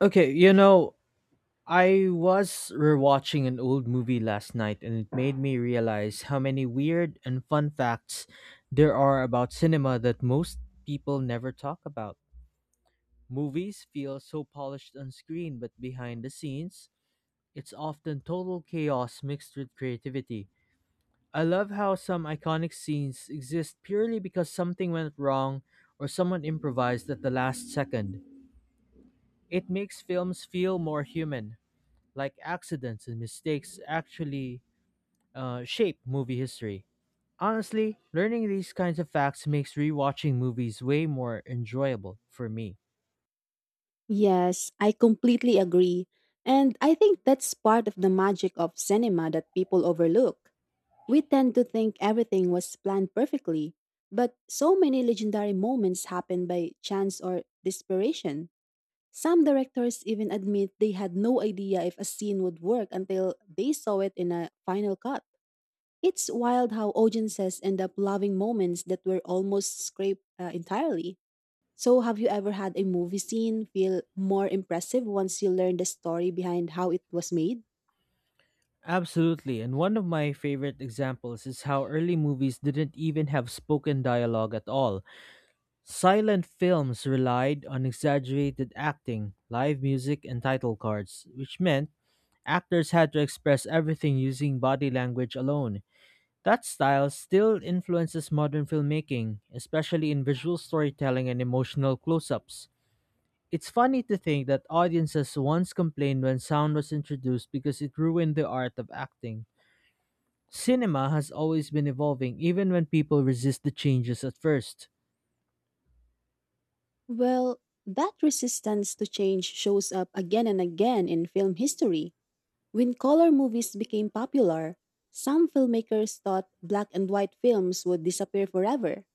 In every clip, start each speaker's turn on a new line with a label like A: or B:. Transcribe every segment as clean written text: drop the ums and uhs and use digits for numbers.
A: Okay, I was rewatching an old movie last night and it made me realize how many weird and fun facts there are about cinema that most people never talk about. Movies feel so polished on screen, but behind the scenes, it's often total chaos mixed with creativity. I love how some iconic scenes exist purely because something went wrong or someone improvised at the last second. It makes films feel more human, like accidents and mistakes actually shape movie history. Honestly, learning these kinds of facts makes rewatching movies way more enjoyable for me.
B: Yes, I completely agree. And I think that's part of the magic of cinema that people overlook. We tend to think everything was planned perfectly, but so many legendary moments happen by chance or desperation. Some directors even admit they had no idea if a scene would work until they saw it in a final cut. It's wild how audiences end up loving moments that were almost scraped entirely. So, have you ever had a movie scene feel more impressive once you learned the story behind how it was made?
A: Absolutely, and one of my favorite examples is how early movies didn't even have spoken dialogue at all. Silent films relied on exaggerated acting, live music, and title cards, which meant actors had to express everything using body language alone. That style still influences modern filmmaking, especially in visual storytelling and emotional close ups. It's funny to think that audiences once complained when sound was introduced because it ruined the art of acting. Cinema has always been evolving, even when people resist the changes at first.
B: Well, that resistance to change shows up again and again in film history. When color movies became popular, some filmmakers thought black and white films would disappear forever.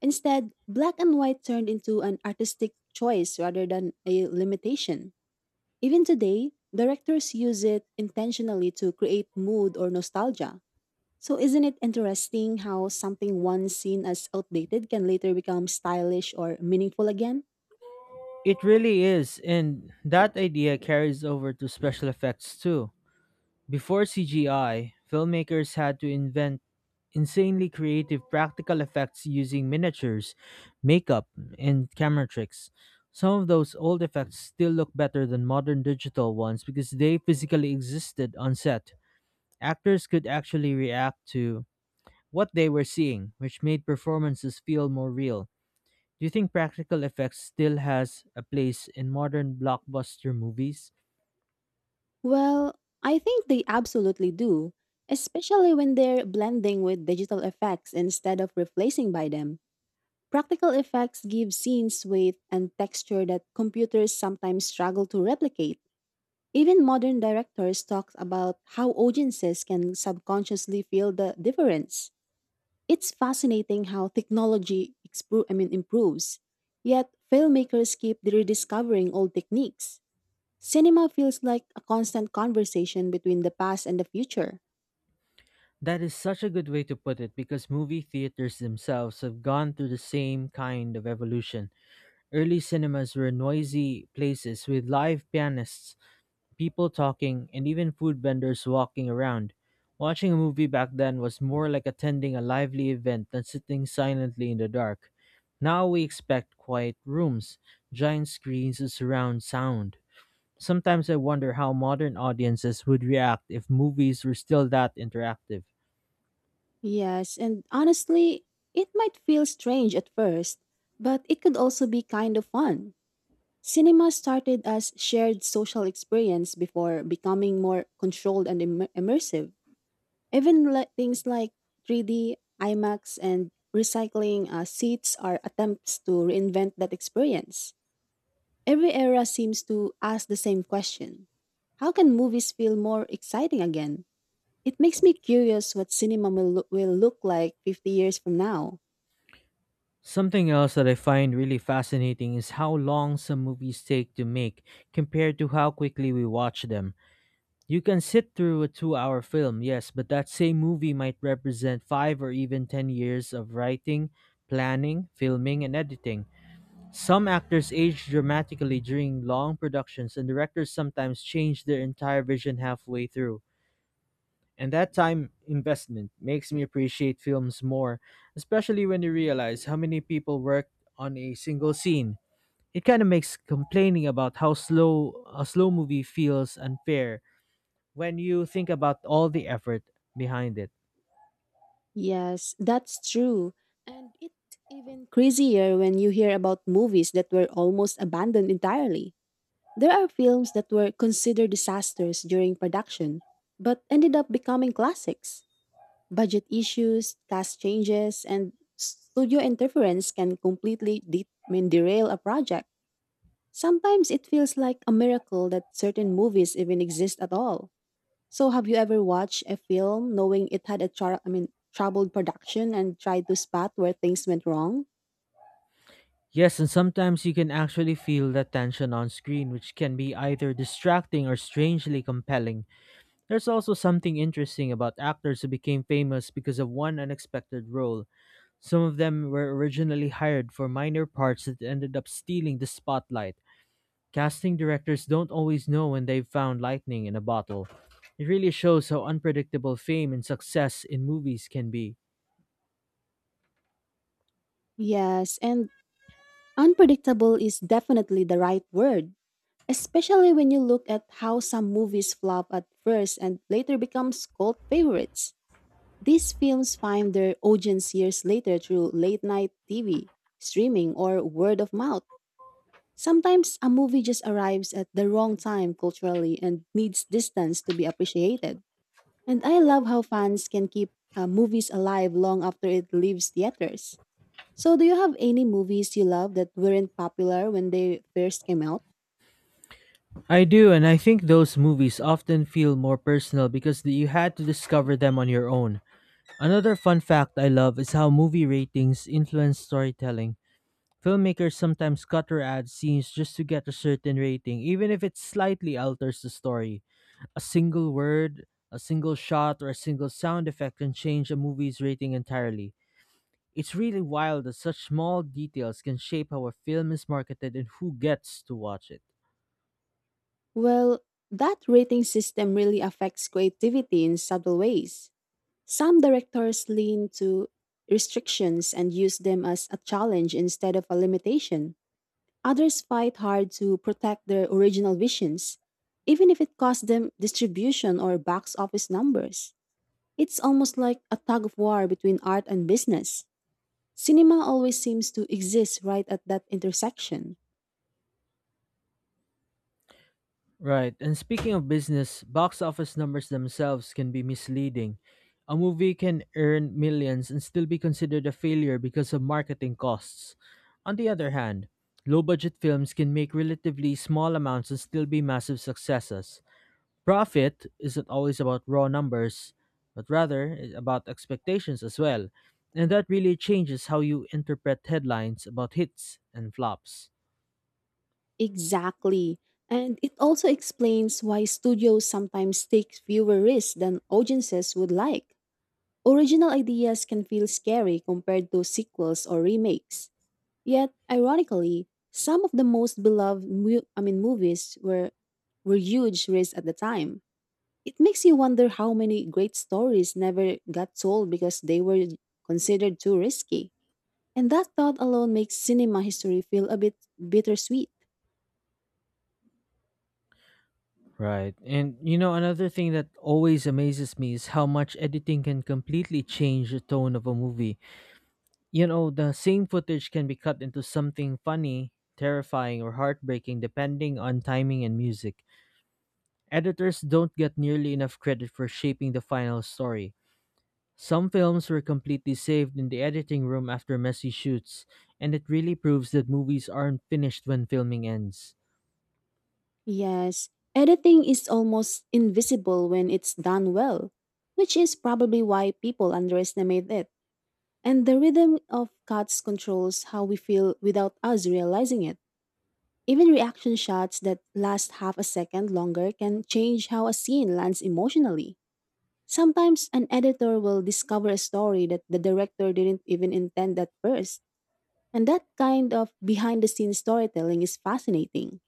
B: Instead, black and white turned into an artistic choice rather than a limitation. Even today, directors use it intentionally to create mood or nostalgia. So isn't it interesting how something once seen as outdated can later become stylish or meaningful again?
A: It really is, and that idea carries over to special effects too. Before CGI, filmmakers had to invent insanely creative practical effects using miniatures, makeup, and camera tricks. Some of those old effects still look better than modern digital ones because they physically existed on set. Actors could actually react to what they were seeing, which made performances feel more real. Do you think practical effects still has a place in modern blockbuster movies?
B: Well, I think they absolutely do, especially when they're blending with digital effects instead of replacing by them. Practical effects give scenes weight and texture that computers sometimes struggle to replicate. Even modern directors talk about how audiences can subconsciously feel the difference. It's fascinating how technology improves, yet filmmakers keep rediscovering old techniques. Cinema feels like a constant conversation between the past and the future.
A: That is such a good way to put it because movie theaters themselves have gone through the same kind of evolution. Early cinemas were noisy places with live pianists, people talking, and even food vendors walking around. Watching a movie back then was more like attending a lively event than sitting silently in the dark. Now we expect quiet rooms, giant screens, and surround sound. Sometimes I wonder how modern audiences would react if movies were still that interactive.
B: Yes, and honestly, it might feel strange at first, but it could also be kind of fun. Cinema started as shared social experience before becoming more controlled and immersive. Even like things like 3D, IMAX, and recycling seats are attempts to reinvent that experience. Every era seems to ask the same question. How can movies feel more exciting again? It makes me curious what cinema will look like 50 years from now.
A: Something else that I find really fascinating is how long some movies take to make compared to how quickly we watch them. You can sit through a 2-hour film, yes, but that same movie might represent 5 or even 10 years of writing, planning, filming, and editing. Some actors age dramatically during long productions, and directors sometimes change their entire vision halfway through. And that time investment makes me appreciate films more, especially when you realize how many people worked on a single scene. It kind of makes complaining about how slow a slow movie feels unfair when you think about all the effort behind it.
B: Yes, that's true. And it's even crazier when you hear about movies that were almost abandoned entirely. There are films that were considered disasters during production, but ended up becoming classics. Budget issues, cast changes, and studio interference can completely derail a project. Sometimes it feels like a miracle that certain movies even exist at all. So, have you ever watched a film knowing it had a troubled production and tried to spot where things went wrong?
A: Yes, and sometimes you can actually feel that tension on screen, which can be either distracting or strangely compelling. There's also something interesting about actors who became famous because of one unexpected role. Some of them were originally hired for minor parts that ended up stealing the spotlight. Casting directors don't always know when they've found lightning in a bottle. It really shows how unpredictable fame and success in movies can be.
B: Yes, and unpredictable is definitely the right word, especially when you look at how some movies flop at first and later becomes cult favorites. These films find their audience years later through late night TV, streaming, or word of mouth. Sometimes a movie just arrives at the wrong time culturally and needs distance to be appreciated. And I love how fans can keep movies alive long after it leaves theaters. So, do you have any movies you love that weren't popular when they first came out?
A: I do, and I think those movies often feel more personal because you had to discover them on your own. Another fun fact I love is how movie ratings influence storytelling. Filmmakers sometimes cut or add scenes just to get a certain rating, even if it slightly alters the story. A single word, a single shot, or a single sound effect can change a movie's rating entirely. It's really wild that such small details can shape how a film is marketed and who gets to watch it.
B: Well, that rating system really affects creativity in subtle ways. Some directors lean to restrictions and use them as a challenge instead of a limitation. Others fight hard to protect their original visions, even if it costs them distribution or box office numbers. It's almost like a tug of war between art and business. Cinema always seems to exist right at that intersection.
A: Right, and speaking of business, box office numbers themselves can be misleading. A movie can earn millions and still be considered a failure because of marketing costs. On the other hand, low budget films can make relatively small amounts and still be massive successes. Profit isn't always about raw numbers, but rather about expectations as well. And that really changes how you interpret headlines about hits and flops.
B: Exactly. And it also explains why studios sometimes take fewer risks than audiences would like. Original ideas can feel scary compared to sequels or remakes. Yet, ironically, some of the most beloved movies were huge risks at the time. It makes you wonder how many great stories never got told because they were considered too risky. And that thought alone makes cinema history feel a bit bittersweet.
A: Right. And another thing that always amazes me is how much editing can completely change the tone of a movie. The same footage can be cut into something funny, terrifying, or heartbreaking depending on timing and music. Editors don't get nearly enough credit for shaping the final story. Some films were completely saved in the editing room after messy shoots, and it really proves that movies aren't finished when filming ends.
B: Yes, editing is almost invisible when it's done well, which is probably why people underestimate it. And the rhythm of cuts controls how we feel without us realizing it. Even reaction shots that last half a second longer can change how a scene lands emotionally. Sometimes an editor will discover a story that the director didn't even intend at first. And that kind of behind the scenes storytelling is fascinating.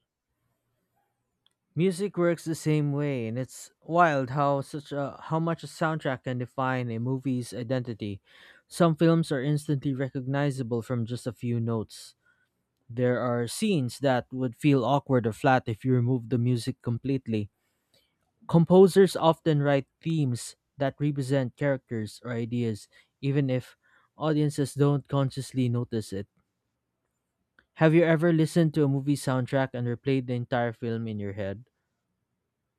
A: Music works the same way, and it's wild how such a how much a soundtrack can define a movie's identity. Some films are instantly recognizable from just a few notes. There are scenes that would feel awkward or flat if you removed the music completely. Composers often write themes that represent characters or ideas, even if audiences don't consciously notice it. Have you ever listened to a movie soundtrack and replayed the entire film in your head?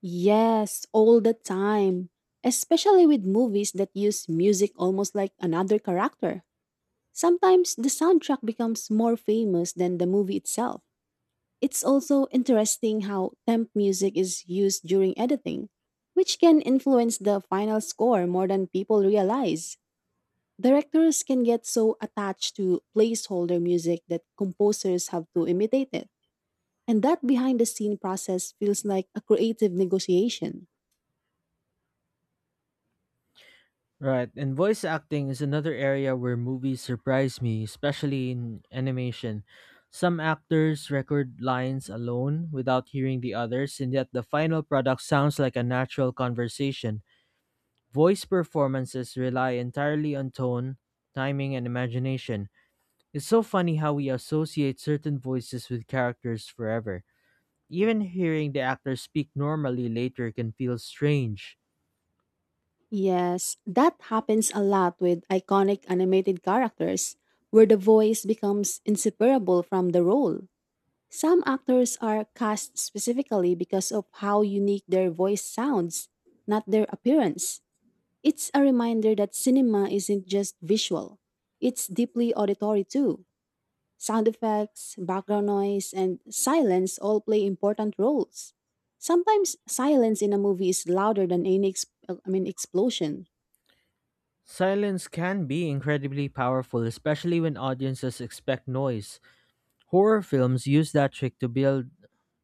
B: Yes, all the time. Especially with movies that use music almost like another character. Sometimes the soundtrack becomes more famous than the movie itself. It's also interesting how temp music is used during editing, which can influence the final score more than people realize. Directors can get so attached to placeholder music that composers have to imitate it. And that behind the scene process feels like a creative negotiation.
A: Right, and voice acting is another area where movies surprise me, especially in animation. Some actors record lines alone without hearing the others, and yet the final product sounds like a natural conversation. Voice performances rely entirely on tone, timing, and imagination. It's so funny how we associate certain voices with characters forever. Even hearing the actor speak normally later can feel strange.
B: Yes, that happens a lot with iconic animated characters, where the voice becomes inseparable from the role. Some actors are cast specifically because of how unique their voice sounds, not their appearance. It's a reminder that cinema isn't just visual, it's deeply auditory too. Sound effects, background noise, and silence all play important roles. Sometimes silence in a movie is louder than any explosion.
A: Silence can be incredibly powerful, especially when audiences expect noise. Horror films use that trick to build,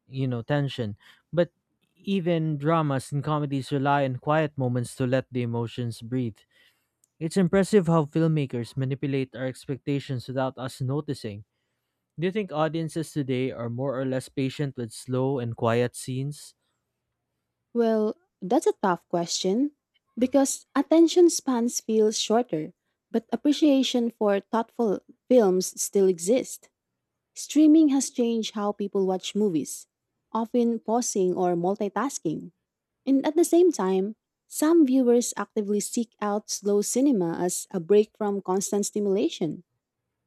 A: you know, tension, but even dramas and comedies rely on quiet moments to let the emotions breathe. It's impressive how filmmakers manipulate our expectations without us noticing. Do you think audiences today are more or less patient with slow and quiet scenes?
B: Well, that's a tough question because attention spans feel shorter, but appreciation for thoughtful films still exists. Streaming has changed how people watch movies, often pausing or multitasking. And at the same time, some viewers actively seek out slow cinema as a break from constant stimulation.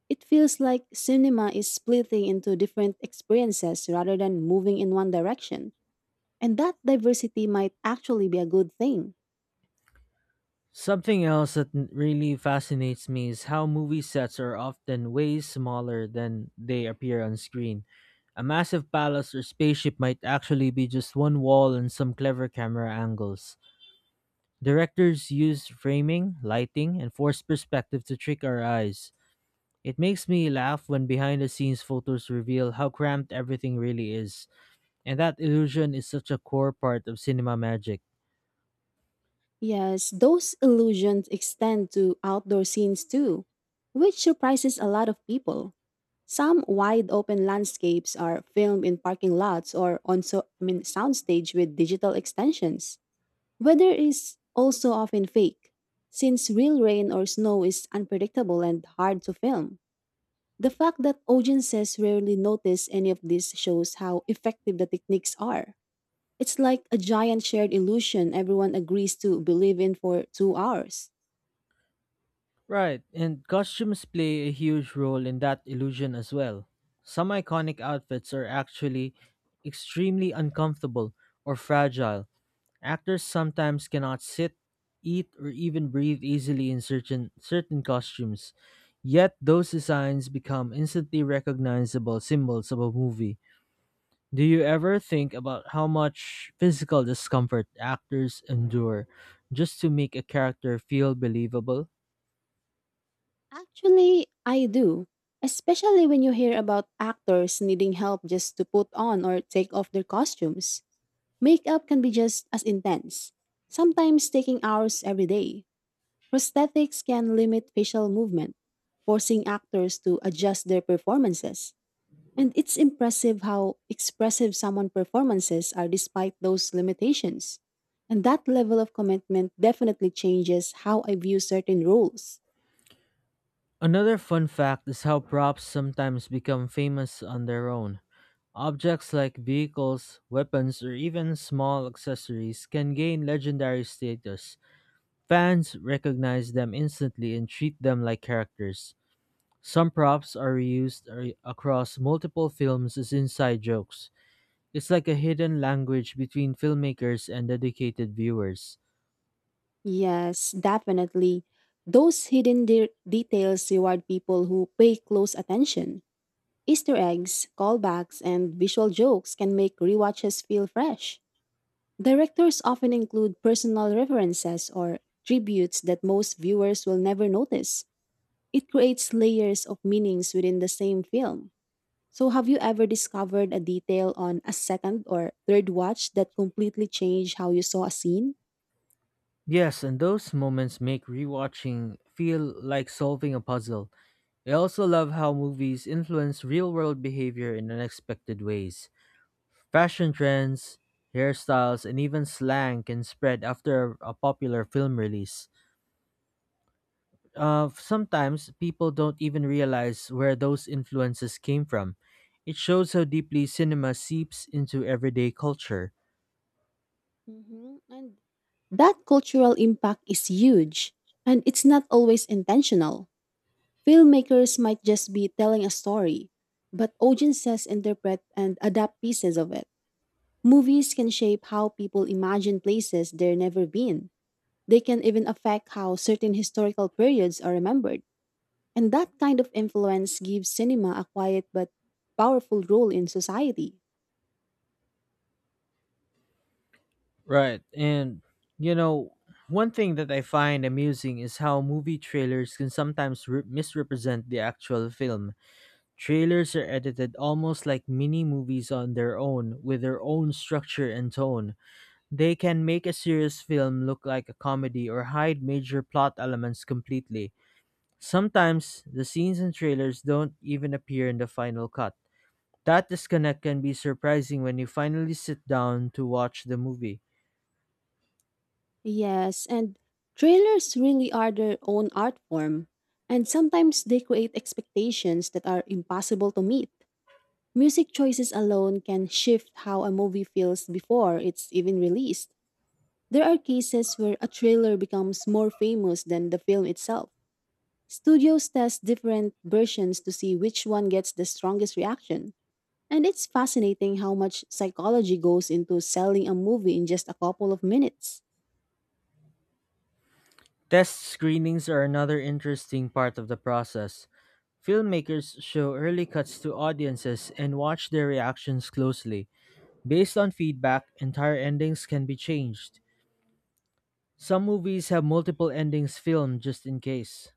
B: It feels like cinema is splitting into different experiences rather than moving in one direction. And that diversity might actually be a good thing.
A: Something else that really fascinates me is how movie sets are often way smaller than they appear on screen. A massive palace or spaceship might actually be just one wall and some clever camera angles. Directors use framing, lighting, and forced perspective to trick our eyes. It makes me laugh when behind the scenes photos reveal how cramped everything really is, and that illusion is such a core part of cinema magic.
B: Yes, those illusions extend to outdoor scenes too, which surprises a lot of people. Some wide open landscapes are filmed in parking lots or on soundstage with digital extensions. Weather is also often fake, since real rain or snow is unpredictable and hard to film. The fact that audiences rarely notice any of this shows how effective the techniques are. It's like a giant shared illusion everyone agrees to believe in for 2 hours.
A: Right, and costumes play a huge role in that illusion as well. Some iconic outfits are actually extremely uncomfortable or fragile. Actors sometimes cannot sit, eat, or even breathe easily in certain costumes. Yet those designs become instantly recognizable symbols of a movie. Do you ever think about how much physical discomfort actors endure just to make a character feel believable?
B: Actually, I do. Especially when you hear about actors needing help just to put on or take off their costumes. Makeup can be just as intense, sometimes taking hours every day. Prosthetics can limit facial movement, forcing actors to adjust their performances. And it's impressive how expressive someone performances are despite those limitations. And that level of commitment definitely changes how I view certain roles.
A: Another fun fact is how props sometimes become famous on their own. Objects like vehicles, weapons, or even small accessories can gain legendary status. Fans recognize them instantly and treat them like characters. Some props are reused across multiple films as inside jokes. It's like a hidden language between filmmakers and dedicated viewers.
B: Yes, definitely. Those hidden details reward people who pay close attention. Easter eggs, callbacks, and visual jokes can make rewatches feel fresh. Directors often include personal references or tributes that most viewers will never notice. It creates layers of meanings within the same film. So, have you ever discovered a detail on a second or third watch that completely changed how you saw a scene?
A: Yes, and those moments make rewatching feel like solving a puzzle. I also love how movies influence real world behavior in unexpected ways. Fashion trends, hairstyles, and even slang can spread after a popular film release. Sometimes people don't even realize where those influences came from. It shows how deeply cinema seeps into everyday culture.
B: And that cultural impact is huge, and it's not always intentional. Filmmakers might just be telling a story, but audiences interpret and adapt pieces of it. Movies can shape how people imagine places they've never been. They can even affect how certain historical periods are remembered. And that kind of influence gives cinema a quiet but powerful role in society.
A: Right. And you know, one thing that I find amusing is how movie trailers can sometimes misrepresent the actual film. Trailers are edited almost like mini movies on their own, with their own structure and tone. They can make a serious film look like a comedy or hide major plot elements completely. Sometimes the scenes in trailers don't even appear in the final cut. That disconnect can be surprising when you finally sit down to watch the movie.
B: Yes, and trailers really are their own art form. And sometimes they create expectations that are impossible to meet. Music choices alone can shift how a movie feels before it's even released. There are cases where a trailer becomes more famous than the film itself. Studios test different versions to see which one gets the strongest reaction. And it's fascinating how much psychology goes into selling a movie in just a couple of minutes.
A: Test screenings are another interesting part of the process. Filmmakers show early cuts to audiences and watch their reactions closely. Based on feedback, entire endings can be changed. Some movies have multiple endings filmed just in case.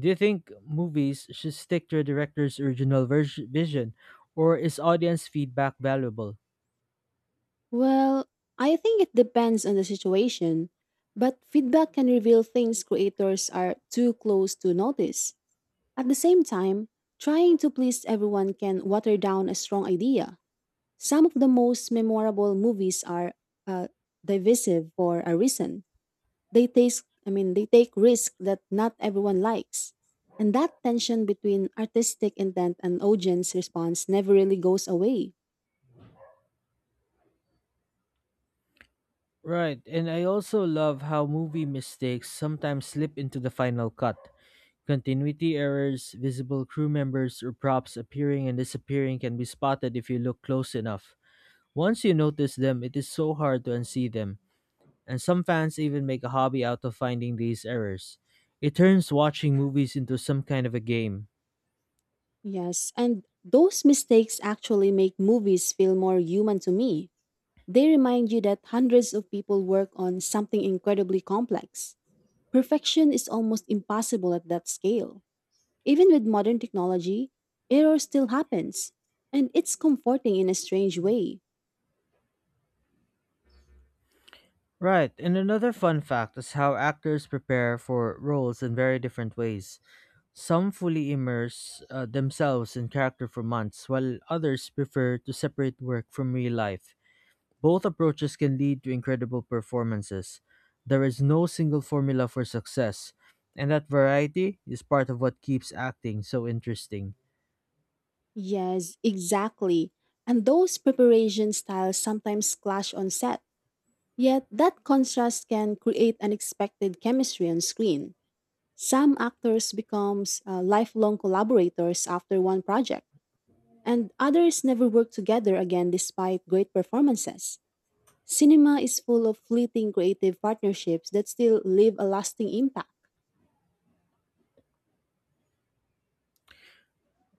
A: Do you think movies should stick to a director's original vision, or is audience feedback valuable?
B: Well, I think it depends on the situation, but feedback can reveal things creators are too close to notice. At the same time, trying to please everyone can water down a strong idea. Some of the most memorable movies are uh, divisive for a reason. They taste I mean they take risks that not everyone likes. And that tension between artistic intent and audience response never really goes away.
A: Right, and I also love how movie mistakes sometimes slip into the final cut. Continuity errors, visible crew members, or props appearing and disappearing can be spotted if you look close enough. Once you notice them, it is so hard to unsee them, and some fans even make a hobby out of finding these errors. It turns watching movies into some kind of a game.
B: Yes, and those mistakes actually make movies feel more human to me. They remind you that hundreds of people work on something incredibly complex. Perfection is almost impossible at that scale. Even with modern technology, error still happens, and it's comforting in a strange way.
A: Right, and another fun fact is how actors prepare for roles in very different ways. Some fully immerse themselves in character for months, while others prefer to separate work from real life. Both approaches can lead to incredible performances. There is no single formula for success, and that variety is part of what keeps acting so interesting.
B: Yes, exactly. And those preparation styles sometimes clash on set. Yet that contrast can create unexpected chemistry on screen. Some actors become lifelong collaborators after one project, and others never work together again despite great performances. Cinema is full of fleeting creative partnerships that still leave a lasting impact.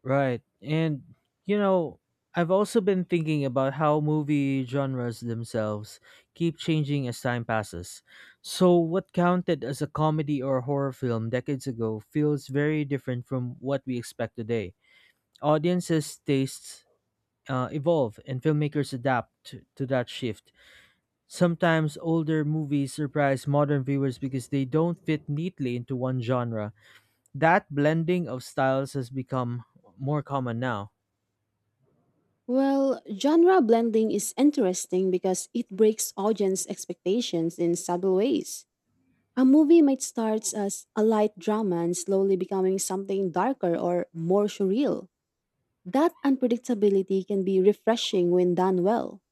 A: Right. And, you know, I've also been thinking about how movie genres themselves keep changing as time passes. So, what counted as a comedy or horror film decades ago feels very different from what we expect today. Audiences' tastes evolve and filmmakers adapt to that shift. Sometimes older movies surprise modern viewers because they don't fit neatly into one genre. That blending of styles has become more common now.
B: Well, genre blending is interesting because it breaks audience expectations in subtle ways. A movie might start as a light drama and slowly becoming something darker or more surreal. That unpredictability can be refreshing when done well.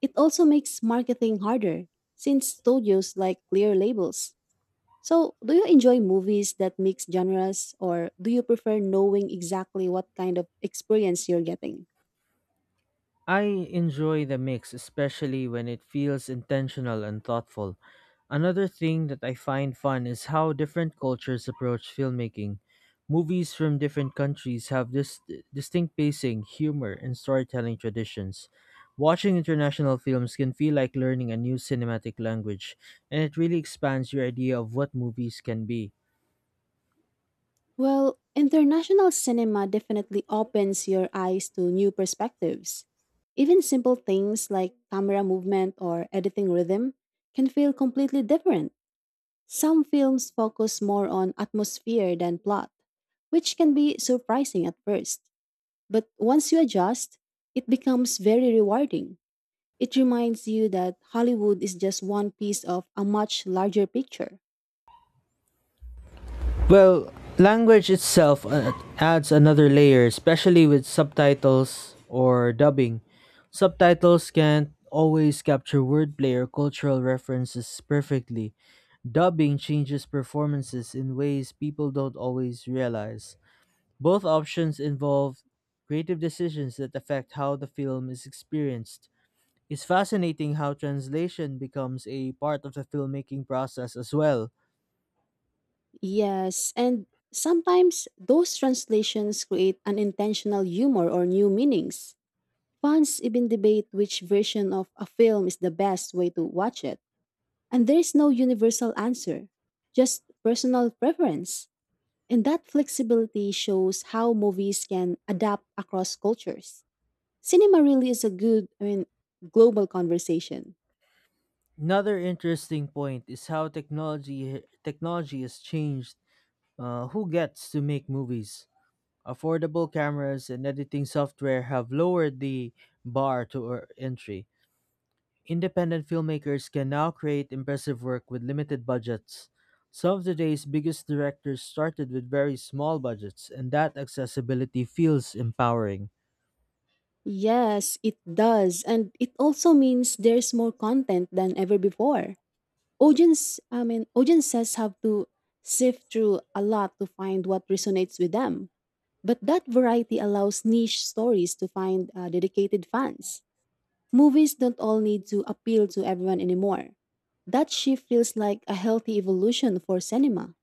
B: It also makes marketing harder, since studios like clear labels. So, do you enjoy movies that mix genres, or do you prefer knowing exactly what kind of experience you're getting?
A: I enjoy the mix, especially when it feels intentional and thoughtful. Another thing that I find fun is how different cultures approach filmmaking. Movies from different countries have this distinct pacing, humor, and storytelling traditions. Watching international films can feel like learning a new cinematic language, and it really expands your idea of what movies can be.
B: Well, international cinema definitely opens your eyes to new perspectives. Even simple things like camera movement or editing rhythm can feel completely different. Some films focus more on atmosphere than plot, which can be surprising at first. But once you adjust, it becomes very rewarding. It reminds you that Hollywood is just one piece of a much larger picture.
A: Well, language itself adds another layer, especially with subtitles or dubbing. Subtitles can't always capture wordplay or cultural references perfectly. Dubbing changes performances in ways people don't always realize. Both options involve creative decisions that affect how the film is experienced. It's fascinating how translation becomes a part of the filmmaking process as well.
B: Yes, and sometimes those translations create unintentional humor or new meanings. Fans even debate which version of a film is the best way to watch it. And there is no universal answer, just personal preference. And that flexibility shows how movies can adapt across cultures. Cinema really is a global conversation.
A: Another interesting point is how technology has changed who gets to make movies. Affordable cameras and editing software have lowered the bar to entry. Independent filmmakers can now create impressive work with limited budgets. Some of today's biggest directors started with very small budgets, and that accessibility feels empowering.
B: Yes, it does. And it also means there's more content than ever before. Audiences have to sift through a lot to find what resonates with them. But that variety allows niche stories to find dedicated fans. Movies don't all need to appeal to everyone anymore. That shift feels like a healthy evolution for cinema.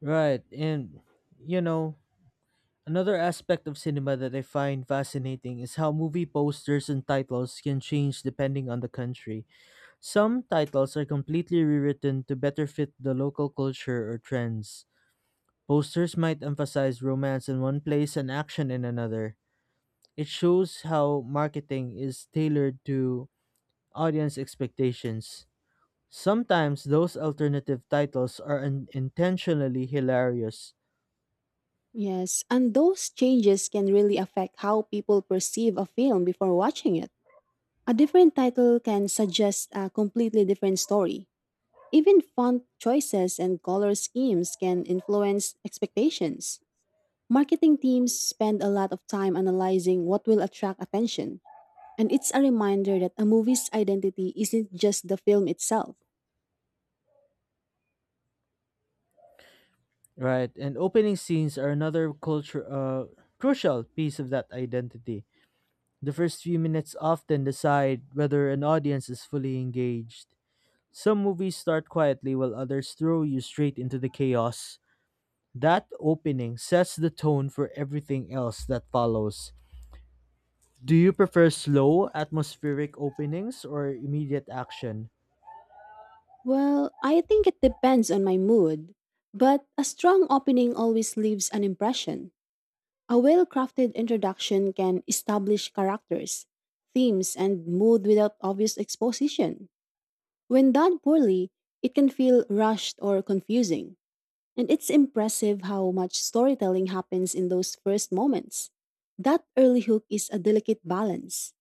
A: Right, and you know, another aspect of cinema that I find fascinating is how movie posters and titles can change depending on the country. Some titles are completely rewritten to better fit the local culture or trends. Posters might emphasize romance in one place and action in another. It shows how marketing is tailored to audience expectations. Sometimes those alternative titles are intentionally hilarious.
B: Yes, and those changes can really affect how people perceive a film before watching it. A different title can suggest a completely different story. Even font choices and color schemes can influence expectations. Marketing teams spend a lot of time analyzing what will attract attention, and it's a reminder that a movie's identity isn't just the film itself.
A: Right, and opening scenes are another culture crucial piece of that identity. The first few minutes often decide whether an audience is fully engaged. Some movies start quietly while others throw you straight into the chaos. That opening sets the tone for everything else that follows. Do you prefer slow, atmospheric openings or immediate action?
B: Well, I think it depends on my mood, but a strong opening always leaves an impression. A well crafted introduction can establish characters, themes, and mood without obvious exposition. When done poorly, it can feel rushed or confusing, and it's impressive how much storytelling happens in those first moments. That early hook is a delicate balance.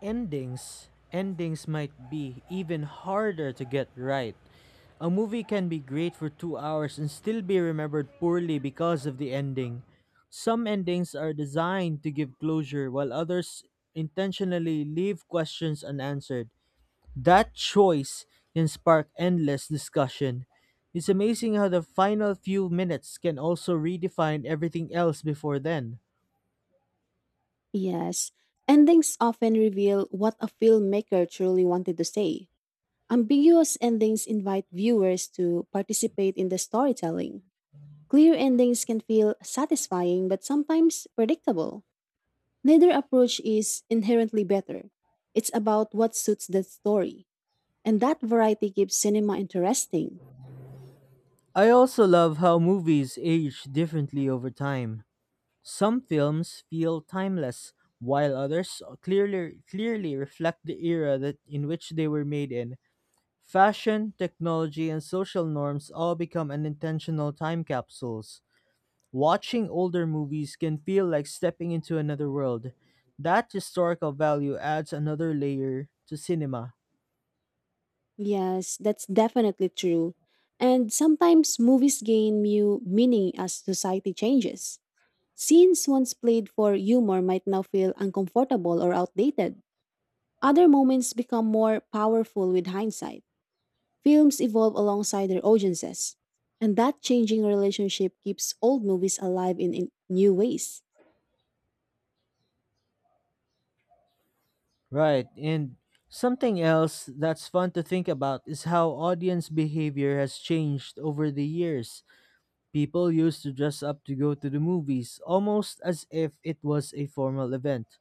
A: Endings might be even harder to get right. A movie can be great for 2 hours and still be remembered poorly because of the ending. Some endings are designed to give closure while others intentionally leave questions unanswered. That choice can spark endless discussion. It's amazing how the final few minutes can also redefine everything else before then.
B: Yes, endings often reveal what a filmmaker truly wanted to say. Ambiguous endings invite viewers to participate in the storytelling. Clear endings can feel satisfying but sometimes predictable. Neither approach is inherently better. It's about what suits the story. And that variety keeps cinema interesting.
A: I also love how movies age differently over time. Some films feel timeless, while others clearly reflect the era that in which they were made in. Fashion, technology, and social norms all become unintentional time capsules. Watching older movies can feel like stepping into another world. That historical value adds another layer to cinema.
B: Yes, that's definitely true. And sometimes movies gain new meaning as society changes. Scenes once played for humor might now feel uncomfortable or outdated. Other moments become more powerful with hindsight. Films evolve alongside their audiences. And that changing relationship keeps old movies alive in new ways.
A: Right, and something else that's fun to think about is how audience behavior has changed over the years. People used to dress up to go to the movies, almost as if it was a formal event.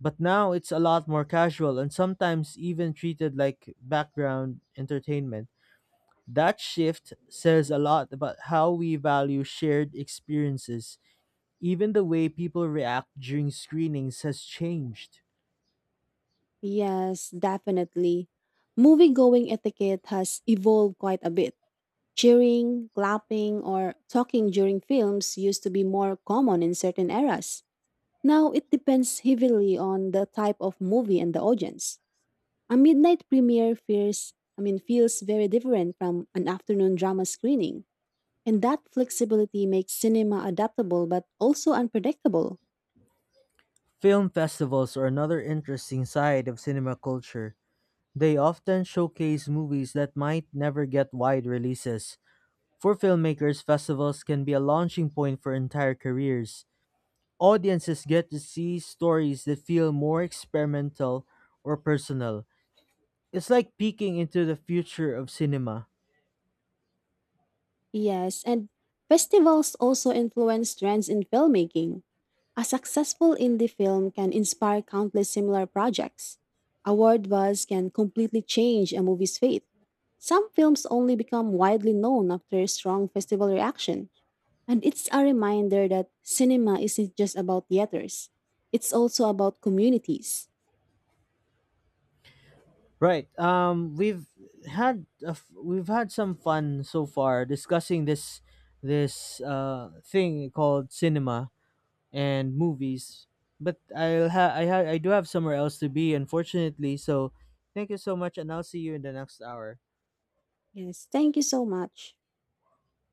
A: But now it's a lot more casual and sometimes even treated like background entertainment. That shift says a lot about how we value shared experiences. Even the way people react during screenings has changed.
B: Yes, definitely. Movie going etiquette has evolved quite a bit. Cheering, clapping, or talking during films used to be more common in certain eras. Now it depends heavily on the type of movie and the audience. A midnight premiere feels very different from an afternoon drama screening, and that flexibility makes cinema adaptable but also unpredictable.
A: Film festivals are another interesting side of cinema culture. They often showcase movies that might never get wide releases. For filmmakers, festivals can be a launching point for entire careers. Audiences get to see stories that feel more experimental or personal. It's like peeking into the future of cinema.
B: Yes, and festivals also influence trends in filmmaking. A successful indie film can inspire countless similar projects. Award buzz can completely change a movie's fate. Some films only become widely known after strong festival reaction. And it's a reminder that cinema isn't just about theaters, it's also about communities.
A: Right. We've had some fun so far discussing this thing called cinema and movies. But I'll ha- I do have somewhere else to be, unfortunately. So thank you so much, and I'll see you in the next hour.
B: Yes, thank you so much.